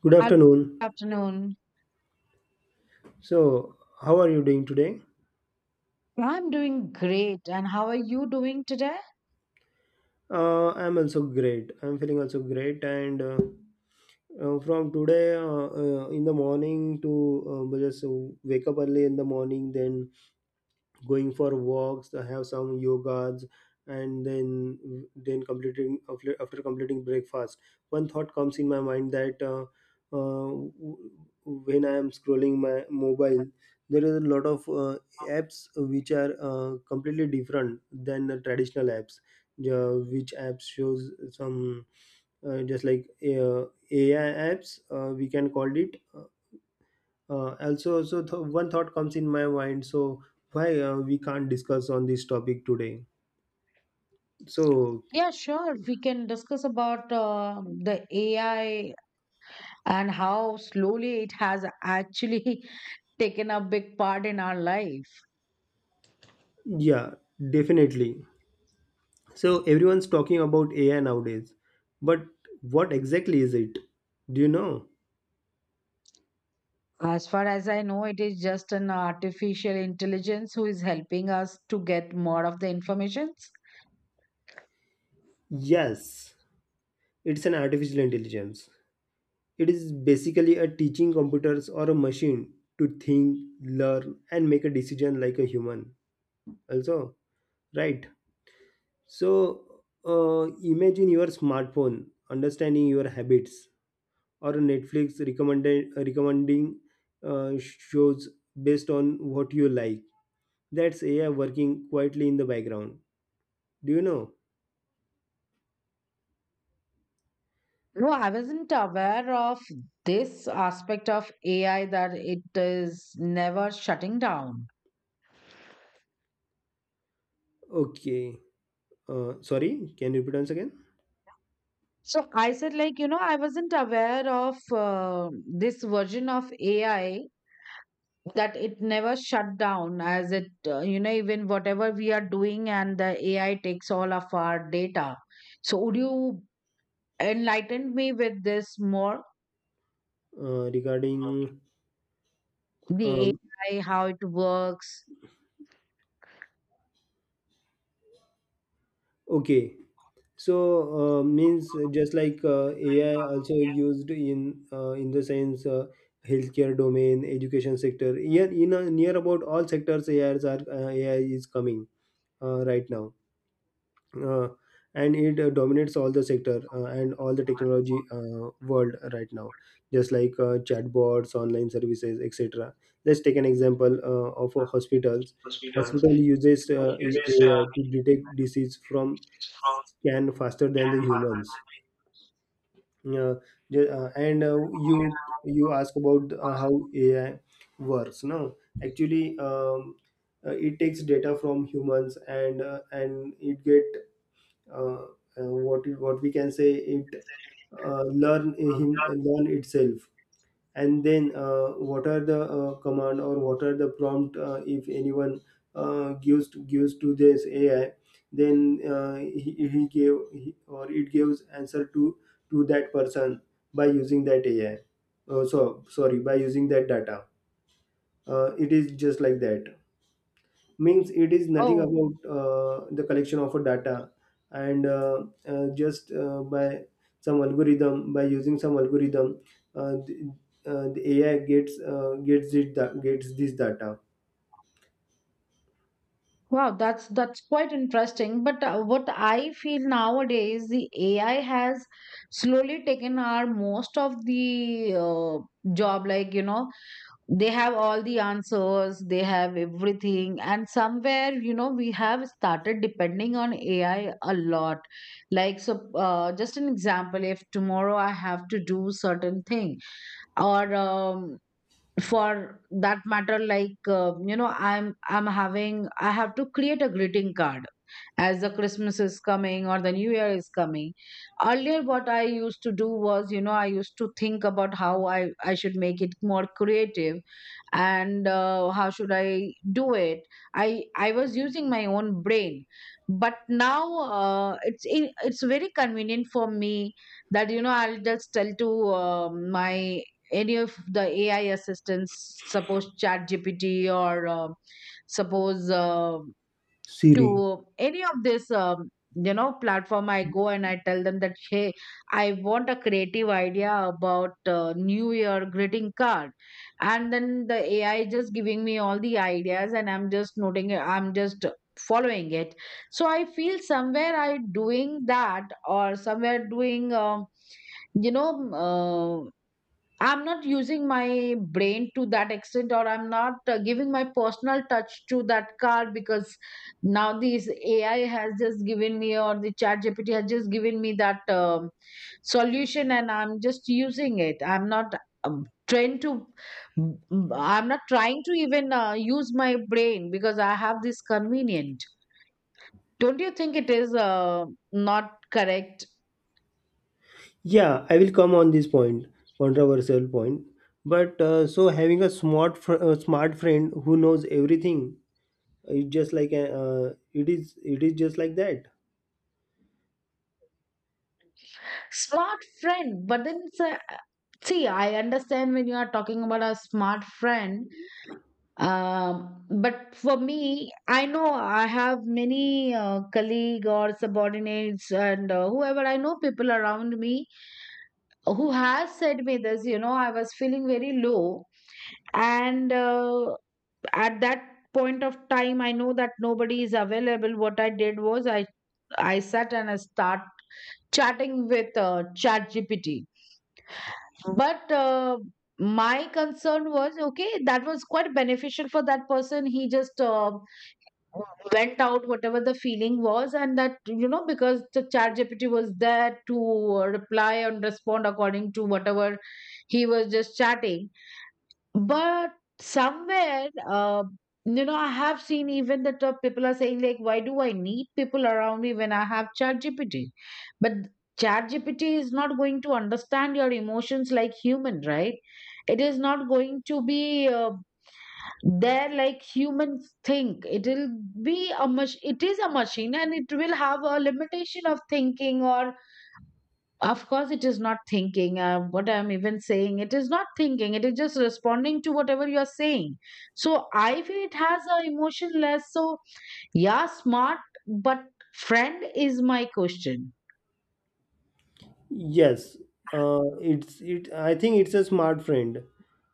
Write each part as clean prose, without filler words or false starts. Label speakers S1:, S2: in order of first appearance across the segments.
S1: Good
S2: Hello,
S1: afternoon.
S2: good afternoon.
S1: So, how are you doing today?
S2: I'm doing great. And how are you doing today?
S1: I'm also great. I'm feeling also great. And from today, in the morning to we just wake up early in the morning, then going for walks. I have some yogas and then completing. After completing breakfast, one thought comes in my mind that uh, w- when I am scrolling my mobile there is a lot of apps which are completely different than the traditional apps, which apps shows some, just like AI apps, we can call it. One thought comes in my mind, so why we can't discuss on this topic today? So,
S2: Yeah, sure. We can discuss about the AI and how slowly it has actually taken a big part in our life.
S1: yeah, definitely. So everyone's talking about AI nowadays, but what exactly is it? Do you know?
S2: As far as I know, it is just an artificial intelligence who is helping us to get more of the information.
S1: Yes, it's an artificial intelligence. It is basically a teaching computers or a machine to think, learn and make a decision like a human also, right? So uh, imagine your smartphone understanding your habits or Netflix recommended recommending uh, shows based on what you like. That's AI working quietly in the background. Do you know?
S2: No, I wasn't aware of this aspect of AI that it is never shutting down.
S1: Okay, sorry, can you repeat once again?
S2: So I said, I wasn't aware of this version of AI that it never shut down, as it, even whatever we are doing and the AI takes all of our data. So would you enlighten me with this more?
S1: Regarding
S2: The
S1: um,
S2: AI, how it works?
S1: okay, so means just like AI also used in the sense healthcare domain, education sector, yeah, in near about all sectors AI are, AI is coming right now. uh, and it dominates all the sector and all the technology world right now, just like chatbots, online services, etc. Let's take an example of a hospitals. Hospital uses AI to detect disease from scan faster than the humans. uh, and you ask about how AI works, no? Actually it takes data from humans and it get uh, what it, what we can say it learn him, learn itself, and then what are the command or what are the prompt, if anyone gives to this AI, then he gave he, or it gives answer to that person by using that AI, so sorry, by using that data. It is just like that. Means it is nothing
S2: Oh,
S1: about the collection of a data, and just by some algorithm, by using some algorithm, uh, the, the AI gets gets it da- gets this data.
S2: wow, that's quite interesting. But what I feel nowadays, the AI has slowly taken our most of the job, like, they have all the answers, they have everything, and somewhere you know we have started depending on AI a lot. Just an example, if tomorrow I have to do certain thing, or for that matter, like, I'm having I have to create a greeting card as the Christmas is coming or the new year is coming. Earlier what I used to do was, you know, I used to think about how I should make it more creative and how should I do it. I was using my own brain. But now it's very convenient for me that, you know, I'll just tell to my any of the AI assistants, suppose ChatGPT or suppose
S1: Siri.
S2: to any of this, you know, platform. I go and I tell them that, hey, I want a creative idea about New Year greeting card. And then the AI just giving me all the ideas and I'm just noting it, I'm just following it. So I feel somewhere I doing that, or somewhere doing, you know, um, I'm not using my brain to that extent, or I'm not giving my personal touch to that card, because now this AI has just given me, or the Chat GPT has just given me that solution, and I'm just using it. Um, trying to. I'm not trying to even use my brain because I have this convenient. Don't you think it is not correct?
S1: Yeah, I will come on this point. Controversial point. But so having a smart smart friend who knows everything. It's just like a, it is just like that.
S2: Smart friend, but then it's a, see, I understand when you are talking about a smart friend. But for me, I know I have many colleague or subordinates, and whoever I know, people around me who has said me this. You know, I was feeling very low, and at that point of time, I know that nobody is available. What I did was I sat and I start chatting with ChatGPT. But my concern was, okay, that was quite beneficial for that person. He just went out, whatever the feeling was, and that, you know, because the Chat GPT was there to reply and respond according to whatever he was just chatting. But somewhere, you know, I have seen even that people are saying, like, why do I need people around me when I have ChatGPT? But ChatGPT is not going to understand your emotions like human, right? It is not going to be there like humans think. It will be a it is a machine, and it will have a limitation of thinking, or of course, it is not thinking. What I'm even saying, it is not thinking. It is just responding to whatever you are saying. So I feel it has a emotionless. So yeah, smart, but friend is my question.
S1: Yes, it's it. I think it's a smart friend.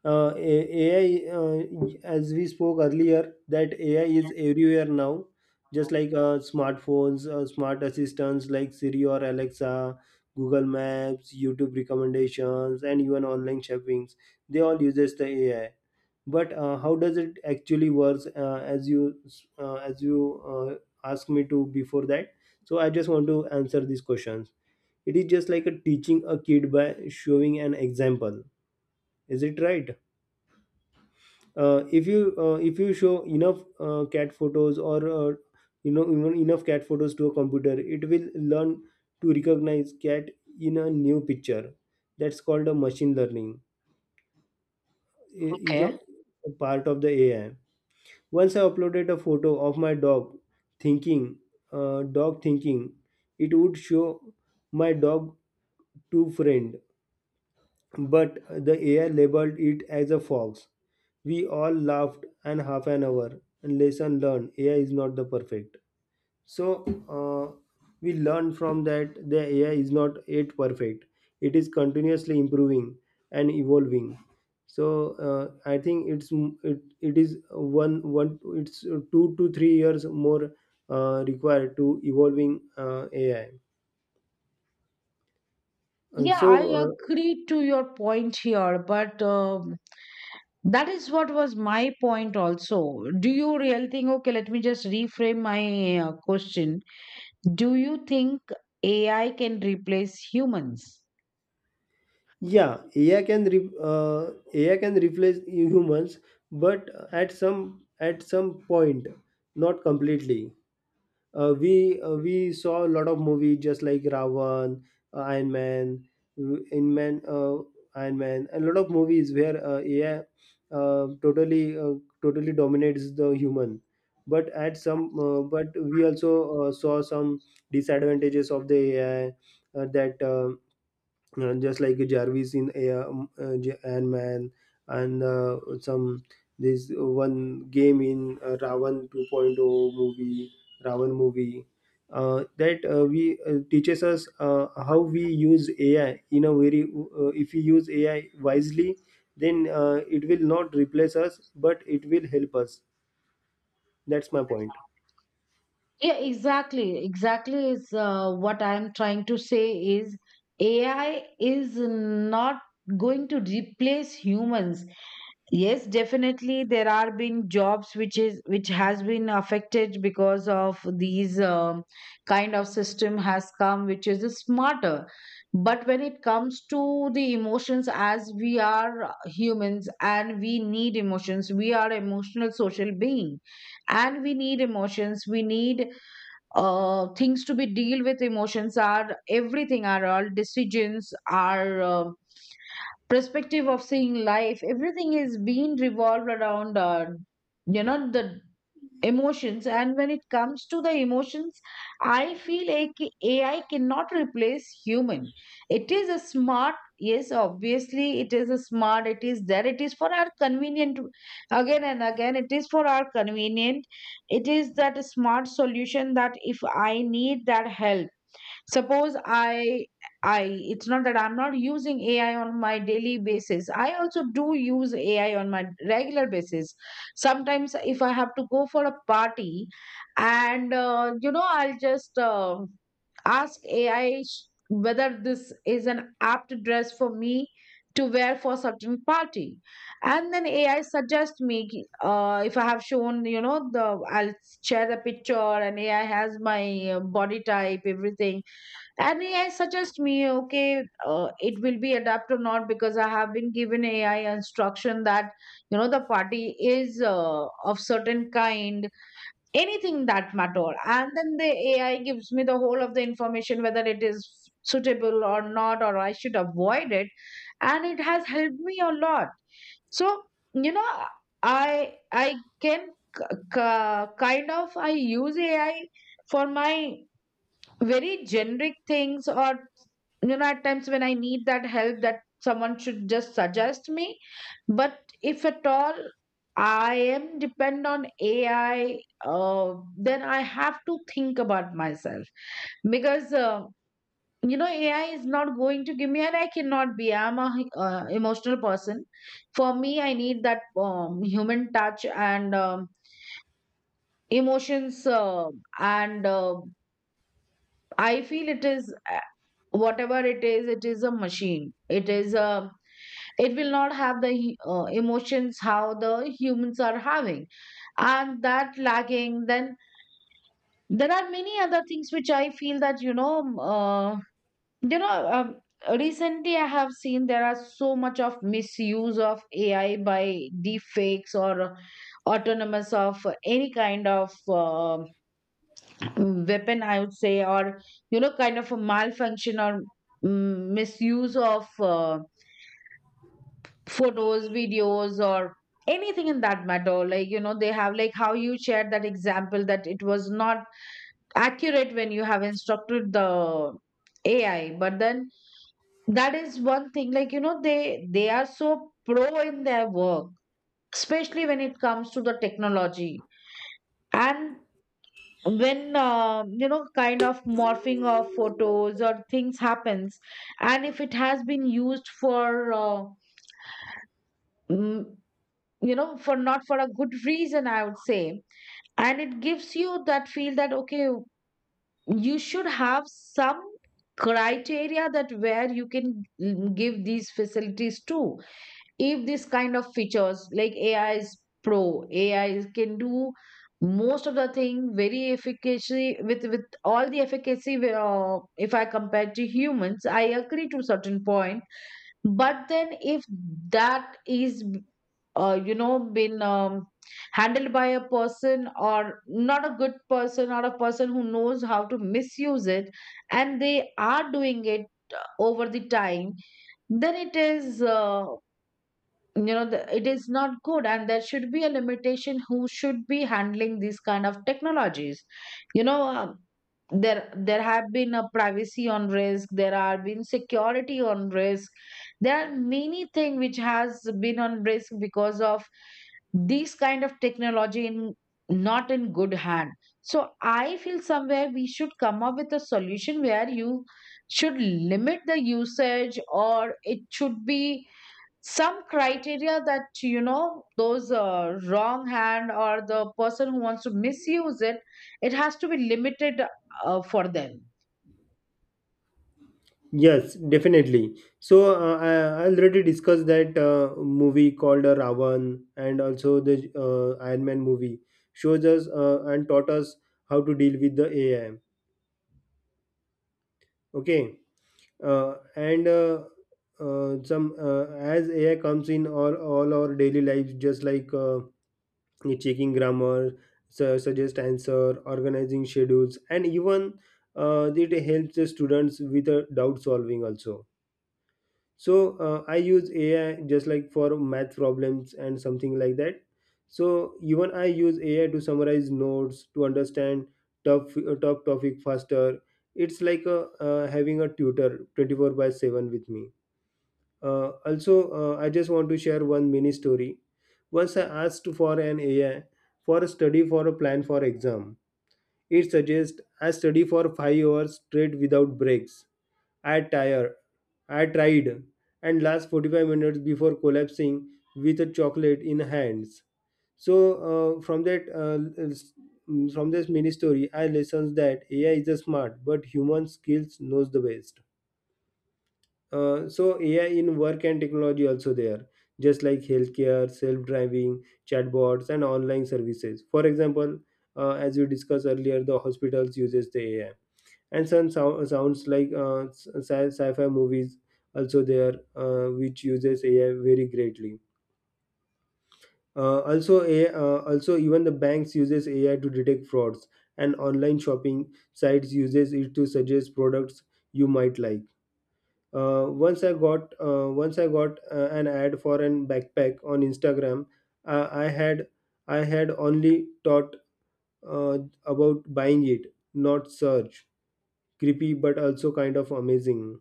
S1: AI, as we spoke earlier, that AI is everywhere now, just like smartphones, smart assistants like Siri or Alexa, Google Maps, YouTube recommendations, and even online shoppings. They all uses the AI. But how does it actually works? As you Asked me to before that, so I just want to answer these questions. It is just like a teaching a kid by showing an example, is it right? If you show enough cat photos or you know, even enough cat photos to a computer, it will learn to recognize cat in a new picture. That's called a machine learning. Is a
S2: Okay.
S1: part of the AI. Once I uploaded a photo of my dog thinking, dog thinking it would show my dog to friend, but the AI labeled it as a fox. We all laughed and half an hour. And lesson learned: AI is not the perfect. So uh, we learned from that the AI is not yet perfect. It is continuously improving and evolving. So I think it's it, it is one it's 2 to 3 years more required to evolving AI. And
S2: Yeah, I
S1: so
S2: agree to your point here, but that is what was my point also. Do you really think, okay, let me just reframe my question. Do you think AI can replace humans?
S1: yeah, AI can AI can replace humans, but at some point, not completely. We saw a lot of movies just like Ravan, Iron Man, In Man, Iron Man, a lot of movies where AI uh, totally uh, totally dominates the human. But at some, but we also saw some disadvantages of the AI that. Just like Jarvis in Ant-Man, and some this one game in Ravan 2.0 movie, Ravan movie, that we teaches us how we use AI in a very if we use AI wisely, then it will not replace us, but it will help us. That's my point.
S2: Yeah, exactly. Exactly is what I'm trying to say is AI is not going to replace humans. Yes, definitely there are been jobs which is which has been affected because of these kind of system has come which is smarter. But when it comes to the emotions, as we are humans and we need emotions, we are emotional social being, and we need emotions. We need things to be deal with emotions, are everything, are all decisions are perspective of seeing life, everything is being revolved around you know the emotions. And when it comes to the emotions, I feel like AI cannot replace human. It is a smart, yes, obviously it is a smart, it is there, it is for our convenient. Again and again, it is for our convenient. It is that smart solution that if I need that help, suppose I it's not that I'm not using AI on my daily basis. I also do use AI on my regular basis. Sometimes if I have to go for a party, and you know, I'll just ask AI whether this is an apt dress for me to wear for certain party. And then AI suggests me if I have shown, you know, the I'll share the picture, and AI has my body type, everything, and AI suggest me, okay, it will be adapt or not, because I have been given AI instruction that you know the party is of certain kind, anything that matter. And then the AI gives me the whole of the information whether it is suitable or not, or I should avoid it. And it has helped me a lot. So you know, I can kind of I use AI for my very generic things, or you know, at times when I need that help, that someone should just suggest me. But if at all I am depend on AI, then I have to think about myself, because you know, AI is not going to give me, and I cannot be, I'm a emotional person. For me, I need that human touch, and emotions, and I feel it is, whatever it is, it is a machine, it is a, it will not have the emotions how the humans are having. And that lagging, then there are many other things which I feel that, you know, you know um, recently I have seen there are so much of misuse of AI by deep fakes, or autonomous of any kind of weapon I would say, or you know, kind of a malfunction, or misuse of photos, videos, or anything in that matter, like you know, they have, like how you shared that example, that it was not accurate when you have instructed the AI. But then, that is one thing, like you know, they are so pro in their work, especially when it comes to the technology. And when you know, kind of morphing of photos or things happens, and if it has been used for mm, you know, for not for a good reason, I would say, and it gives you that feel that, okay, you should have some criteria that where you can give these facilities to, if this kind of features like AI is pro, AI can do most of the thing very efficacy with all the efficacy. Where if I compare to humans, I agree to certain point. But then if that is you know been handled by a person or not a good person or a person who knows how to misuse it, and they are doing it uh, over the time, then it is not good, and there should be a limitation who should be handling these kind of technologies. you know um, there have been a privacy on risk, there have been security on risk, there are many things which has been on risk because of these kind of technology in not in good hand. So I feel somewhere we should come up with a solution where you should limit the usage, or it should be some criteria that you know those wrong hand or the person who wants to misuse it, it has to be limited for them.
S1: Yes, definitely. So I already discussed that movie called Ravan, and also the Iron Man movie shows us and taught us how to deal with the AI. Okay, and some as AI comes in all our daily lives, just like checking grammar, suggest answer, organizing schedules, and even it helps the students with doubt solving also. So I use AI just like for math problems and something like that. So even I use AI to summarize notes, to understand tough topic faster. It's like a, having a tutor 24 by 7 with me. Also I just want to share one mini story. Once I asked for an AI for a study, for a plan for exam. It suggests I study for 5 hours straight without breaks. I tire. I tried and last 45 minutes before collapsing with a chocolate in hands. So from that s- mm, from this mini story, I lessons that AI is a smart, but human skills knows the best. So AI in work and technology also there, just like healthcare, self-driving, chatbots, and online services. For example, as we discussed earlier, the hospitals uses the AI and some sounds like sci-fi movies also there, which uses AI very greatly. Also AI, also even the banks uses AI to detect frauds and online shopping sites uses it to suggest products you might like. Once I got an ad for an backpack on Instagram. uh, i had I had only thought uh, about buying it, not search. Creepy but also kind of amazing.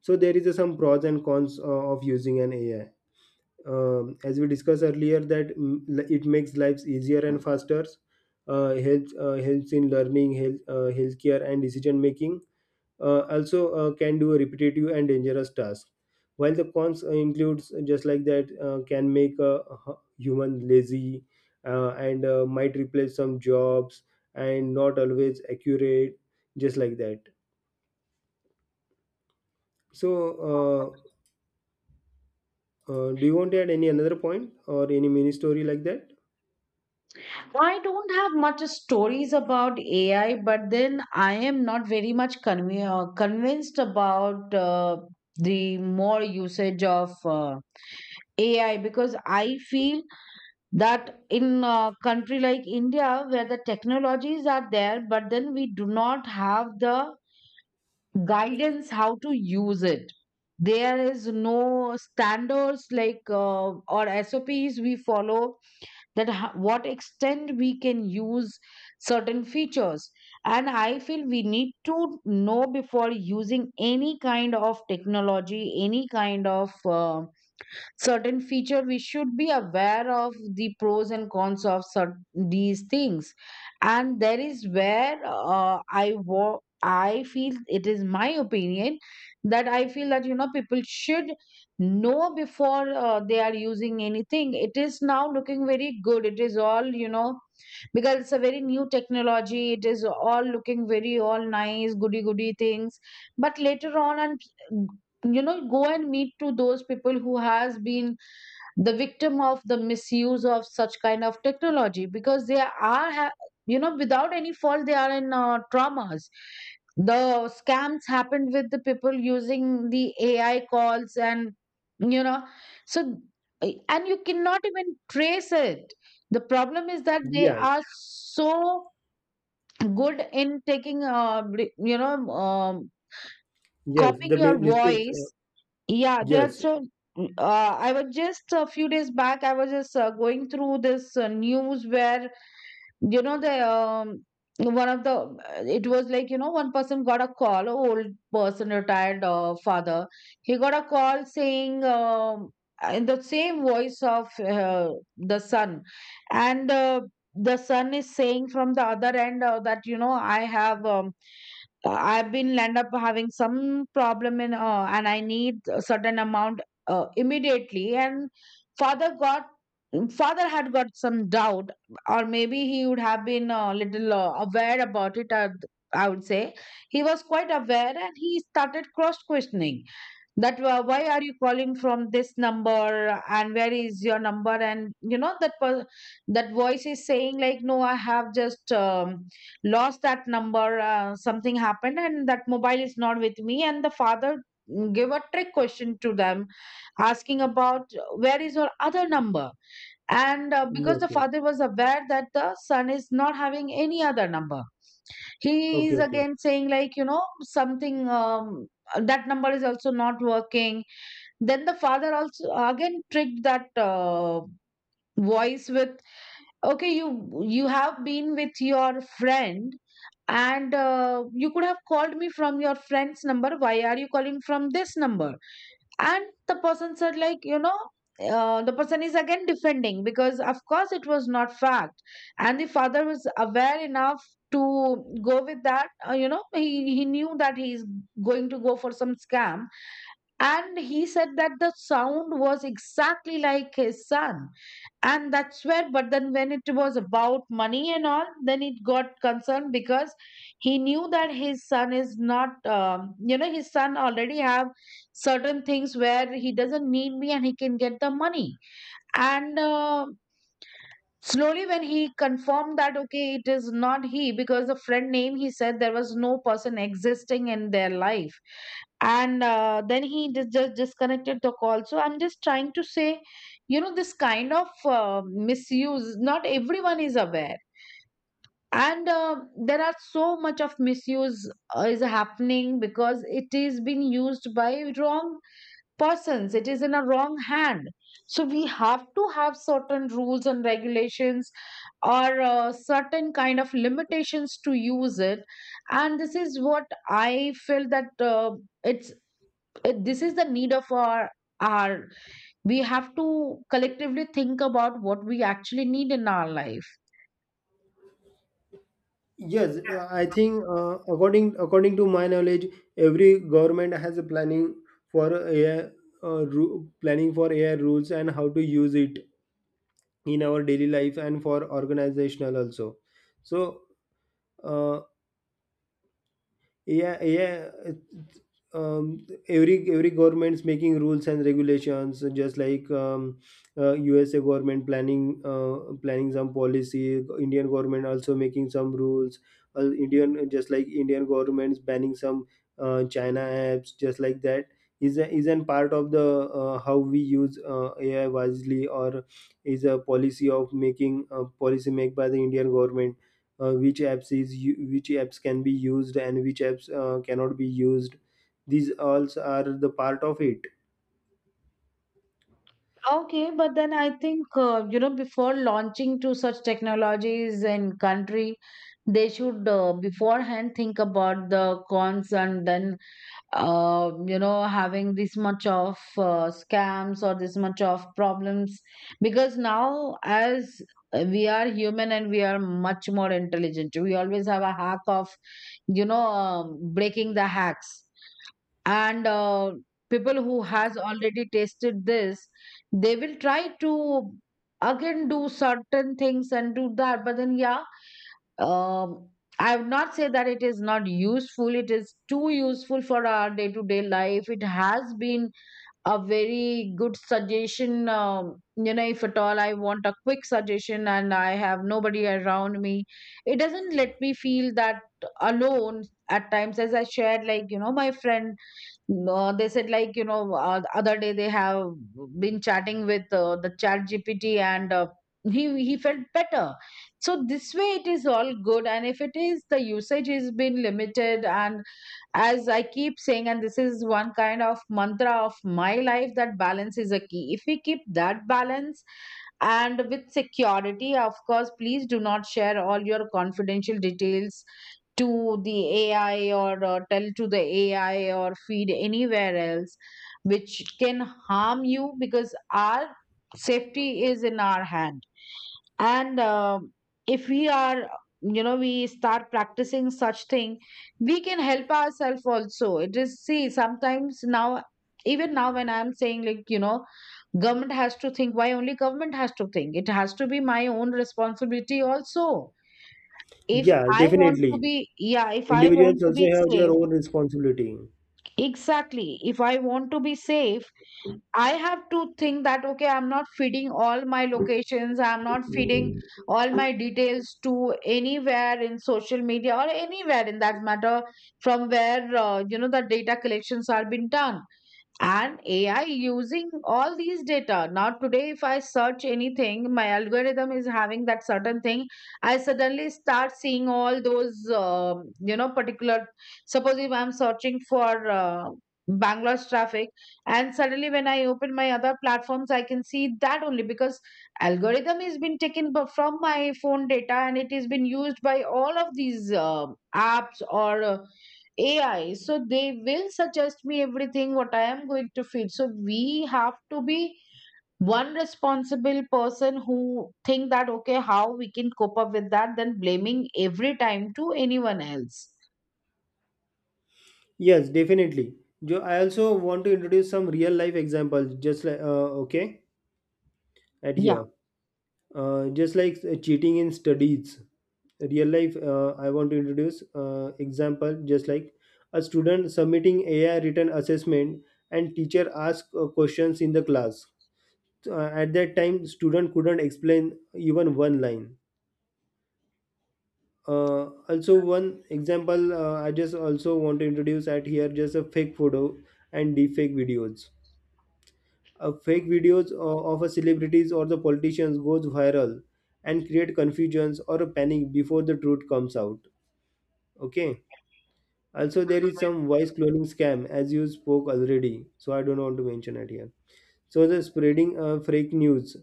S1: So there is a, some pros and cons of using an AI. As we discussed earlier that, it makes lives easier and faster, helps in learning, health healthcare and decision making, also can do repetitive and dangerous tasks, while the cons includes just like that can make a human lazy and might replace some jobs and not always accurate, just like that. So do you want to add any another point or any mini story like that?
S2: I don't have much stories about AI, but then I am not very much convinced about the more usage of AI, because I feel that in a country like India, where the technologies are there but then we do not have the guidance how to use it. There is no standards like or SOPs we follow, that what extent we can use certain features. And I feel we need to know before using any kind of technology, any kind of certain feature. We should be aware of the pros and cons of certain, these things. And there is where I feel, it is my opinion, that I feel that you know people should know before they are using anything. It is now looking very good, it is all you know, because it's a very new technology, it is all looking very all nice goody goody things. But later on, and you know, go and meet to those people who has been the victim of the misuse of such kind of technology, because they are you know, without any fault they are in traumas. The scams happened with the people using the AI calls and you know. So and you cannot even trace it. The problem is that they
S1: Yes,
S2: are so good in taking you know,
S1: yes,
S2: copying
S1: the
S2: your
S1: mistakes.
S2: voice. Yeah, they are
S1: Yes,
S2: so. I was just a few days back, I was just going through this news where, you know, the one of the it was like, you know, one person got a call, a old person, retired father. He got a call saying, in the same voice of the son, and the son is saying from the other end that, you know, I have. I've been end up having some problem in and I need a certain amount immediately. And father got father had got some doubt, or maybe he would have been a little aware about it. I would say he was quite aware, and he started cross questioning that why are you calling from this number and where is your number. And you know, that voice is saying like, no, I have just lost that number, something happened and that mobile is not with me. And the father gave a trick question to them, asking about, where is your other number? And because
S1: yes,
S2: the
S1: yes.
S2: father was aware that the son is not having any other number. He
S1: Okay,
S2: is
S1: okay.
S2: again saying like, you know, something, that number is also not working. Then the father also again tricked that voice with, okay, you have been with your friend, and you could have called me from your friend's number, why are you calling from this number? And the person said like, you know, the person is again defending, because of course it was not fact. And the father was aware enough to go with that, you know, he knew that he is going to go for some scam. And he said that the sound was exactly like his son. And that's where, but then when it was about money and all, then it got concerned, because he knew that his son is not, you know, his son already have certain things where he doesn't need me and he can get the money. And slowly, when he confirmed that, okay, it is not he, because the friend name he said, there was no person existing in their life. And then he just disconnected the call. So I'm just trying to say, you know, this kind of misuse, not everyone is aware. And there are so much of misuse is happening, because it is being used by wrong persons, it is in a wrong hand. So we have to have certain rules and regulations, or certain kind of limitations to use it. And this is what I feel that it's this is the need of our, we have to collectively think about what we actually need in our life.
S1: Yes, I think according to my knowledge, every government has a planning for AI, planning for AI rules and how to use it in our daily life and for organizational also. So, uh, yeah, yeah, every government's making rules and regulations, just like USA government planning, planning some policy, Indian government also making some rules, indian just like Indian government's banning some China apps, just like that, is a, is an part of the how we use AI wisely. Or is a policy of making a policy made by the Indian government, which apps is which apps can be used and which apps cannot be used. These all are the part of it.
S2: Okay, but then I think, you know, before launching to such technologies in country, they should beforehand think about the cons, and then, you know, having this much of scams or this much of problems. Because now, as we are human and we are much more intelligent, we always have a hack of, you know, breaking the hacks. And people who has already tasted this, they will try to again do certain things and do that. But then yeah, um, I would not say that it is not useful. It is too useful for our day to day life. It has been a very good suggestion. You know, if at all I want a quick suggestion and I have nobody around me, it doesn't let me feel that alone at times. As I shared, like, you know, my friend, no, they said, like, you know, the other day they have been chatting with the chat GPT, and he felt better. So this way it is all good, and if it is, the usage is been limited. And as I keep saying, and this is one kind of mantra of my life, that balance is a key. If we keep that balance, and with security, of course, please do not share all your confidential details to the AI, or tell to the AI or feed anywhere else, which can harm you, because our safety is in our hand. And um, if we are, you know, we start practicing such thing, we can help ourselves also. It is, see, sometimes now, even now when I'm saying, like, you know, government has to think. Why only government has to think? It has to be my own responsibility also. If
S1: Yeah,
S2: I want
S1: definitely,
S2: to be, yeah, if I want
S1: individuals
S2: to
S1: also
S2: be
S1: have their
S2: safe,
S1: own responsibility.
S2: exactly. If I want to be safe, I have to think that, okay, I'm not feeding all my locations, I'm not feeding all my details to anywhere in social media or anywhere in that matter, from where, you know, the data collections are being done, and AI using all these data. Now, today, if I search anything, my algorithm is having that certain thing. I suddenly start seeing all those, you know, particular. Suppose if I'm searching for Bangalore's traffic, and suddenly when I open my other platforms, I can see that only because algorithm has been taken from my phone data, and it has been used by all of these apps or AI. So they will suggest me everything what I am going to feed. So we have to be one responsible person who think that, okay, how we can cope up with that, than blaming every time to anyone else.
S1: Yes, definitely. I also want to introduce some real life examples, just like okay at
S2: Yeah.
S1: here, just like cheating in studies. Real life I want to introduce example, just like a student submitting AI written assessment, and teacher ask questions in the class. At that time student couldn't explain even one line. Also one example, I just also want to introduce at here: just a fake photo and deepfake videos. Fake videos of a celebrities or the politicians goes viral and create confusions or a panic before the truth comes out. Okay, also there is some voice cloning scam, as you spoke already, so I don't want to mention it here. So the spreading fake news,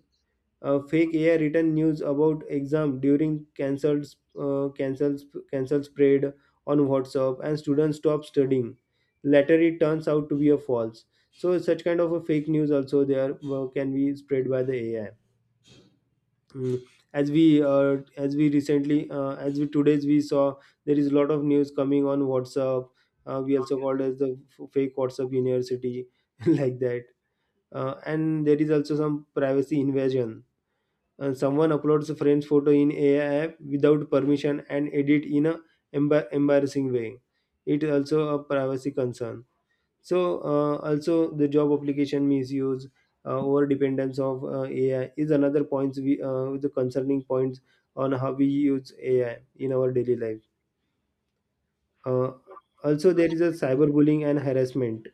S1: fake AI written news about exam during cancelled, uh, cancels cancel spread on WhatsApp, and students stop studying. Later, it turns out to be a false. So, such kind of a fake news also there can be spread by the AI. Mm. As we recently, as we today's we saw, there is a lot of news coming on WhatsApp. We also called as the fake WhatsApp University like that. And there is also some privacy invasion. Someone uploads a friend's photo in AI app without permission and edit in a embarrassing way. It also a privacy concern. So also the job application misuse, over dependence of AI is another points, we the concerning points on how we use AI in our daily life. Uh, Also there is a cyberbullying and harassment.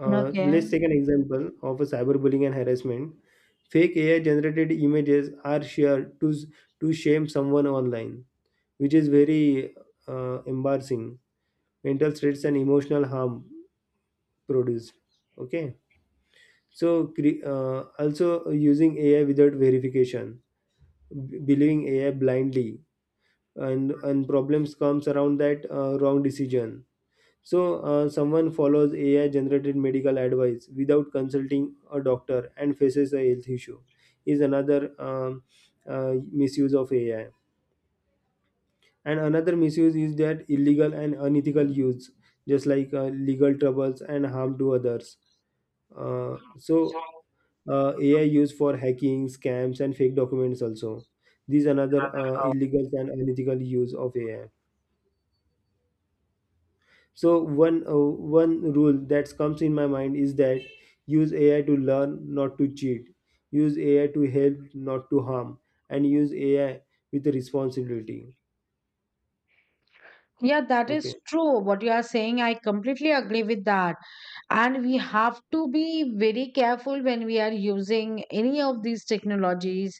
S1: Let's
S2: Okay.
S1: take an example of a cyberbullying and harassment. Fake AI generated images are shared to shame someone online, which is very embarrassing. Mental stress and emotional harm produced. Okay, so also using AI without verification, believing AI blindly, and problems comes around that wrong decision. So, someone follows AI generated medical advice without consulting a doctor and faces a health issue, is another misuse of AI. And another misuse is that illegal and unethical use, just like legal troubles and harm to others. Uh, so, AI used for hacking, scams, and fake documents also. These are another illegal and unethical use of AI. So one rule that comes in my mind is that: use AI to learn, not to cheat. Use AI to help, not to harm. And use AI with responsibility.
S2: Yeah, that is
S1: Okay,
S2: true. What you are saying, I completely agree with that. And we have to be very careful when we are using any of these technologies.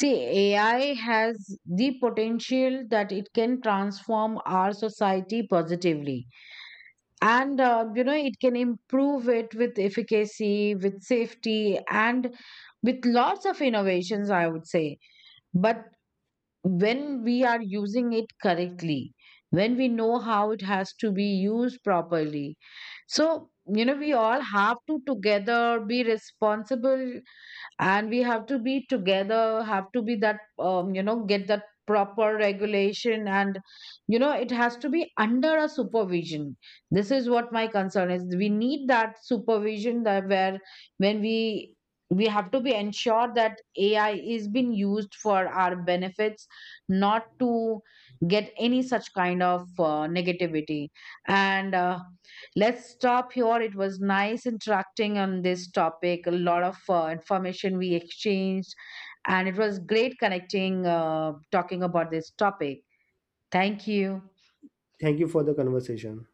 S2: See, AI has the potential that it can transform our society positively, and you know, it can improve it with efficacy, with safety, and with lots of innovations, I would say. But when we are using it correctly, when we know how it has to be used properly. So you know, we all have to together be responsible, and we have to be together, have to be that, you know, get that proper regulation. And you know, it has to be under a supervision. This is what my concern is, we need that supervision, that where, when we have to be ensured that AI is being used for our benefits, not to get any such kind of negativity. And let's stop here. It was nice interacting on this topic. A lot of information we exchanged, and it was great connecting, talking about this topic. Thank you.
S1: thank you for the conversation.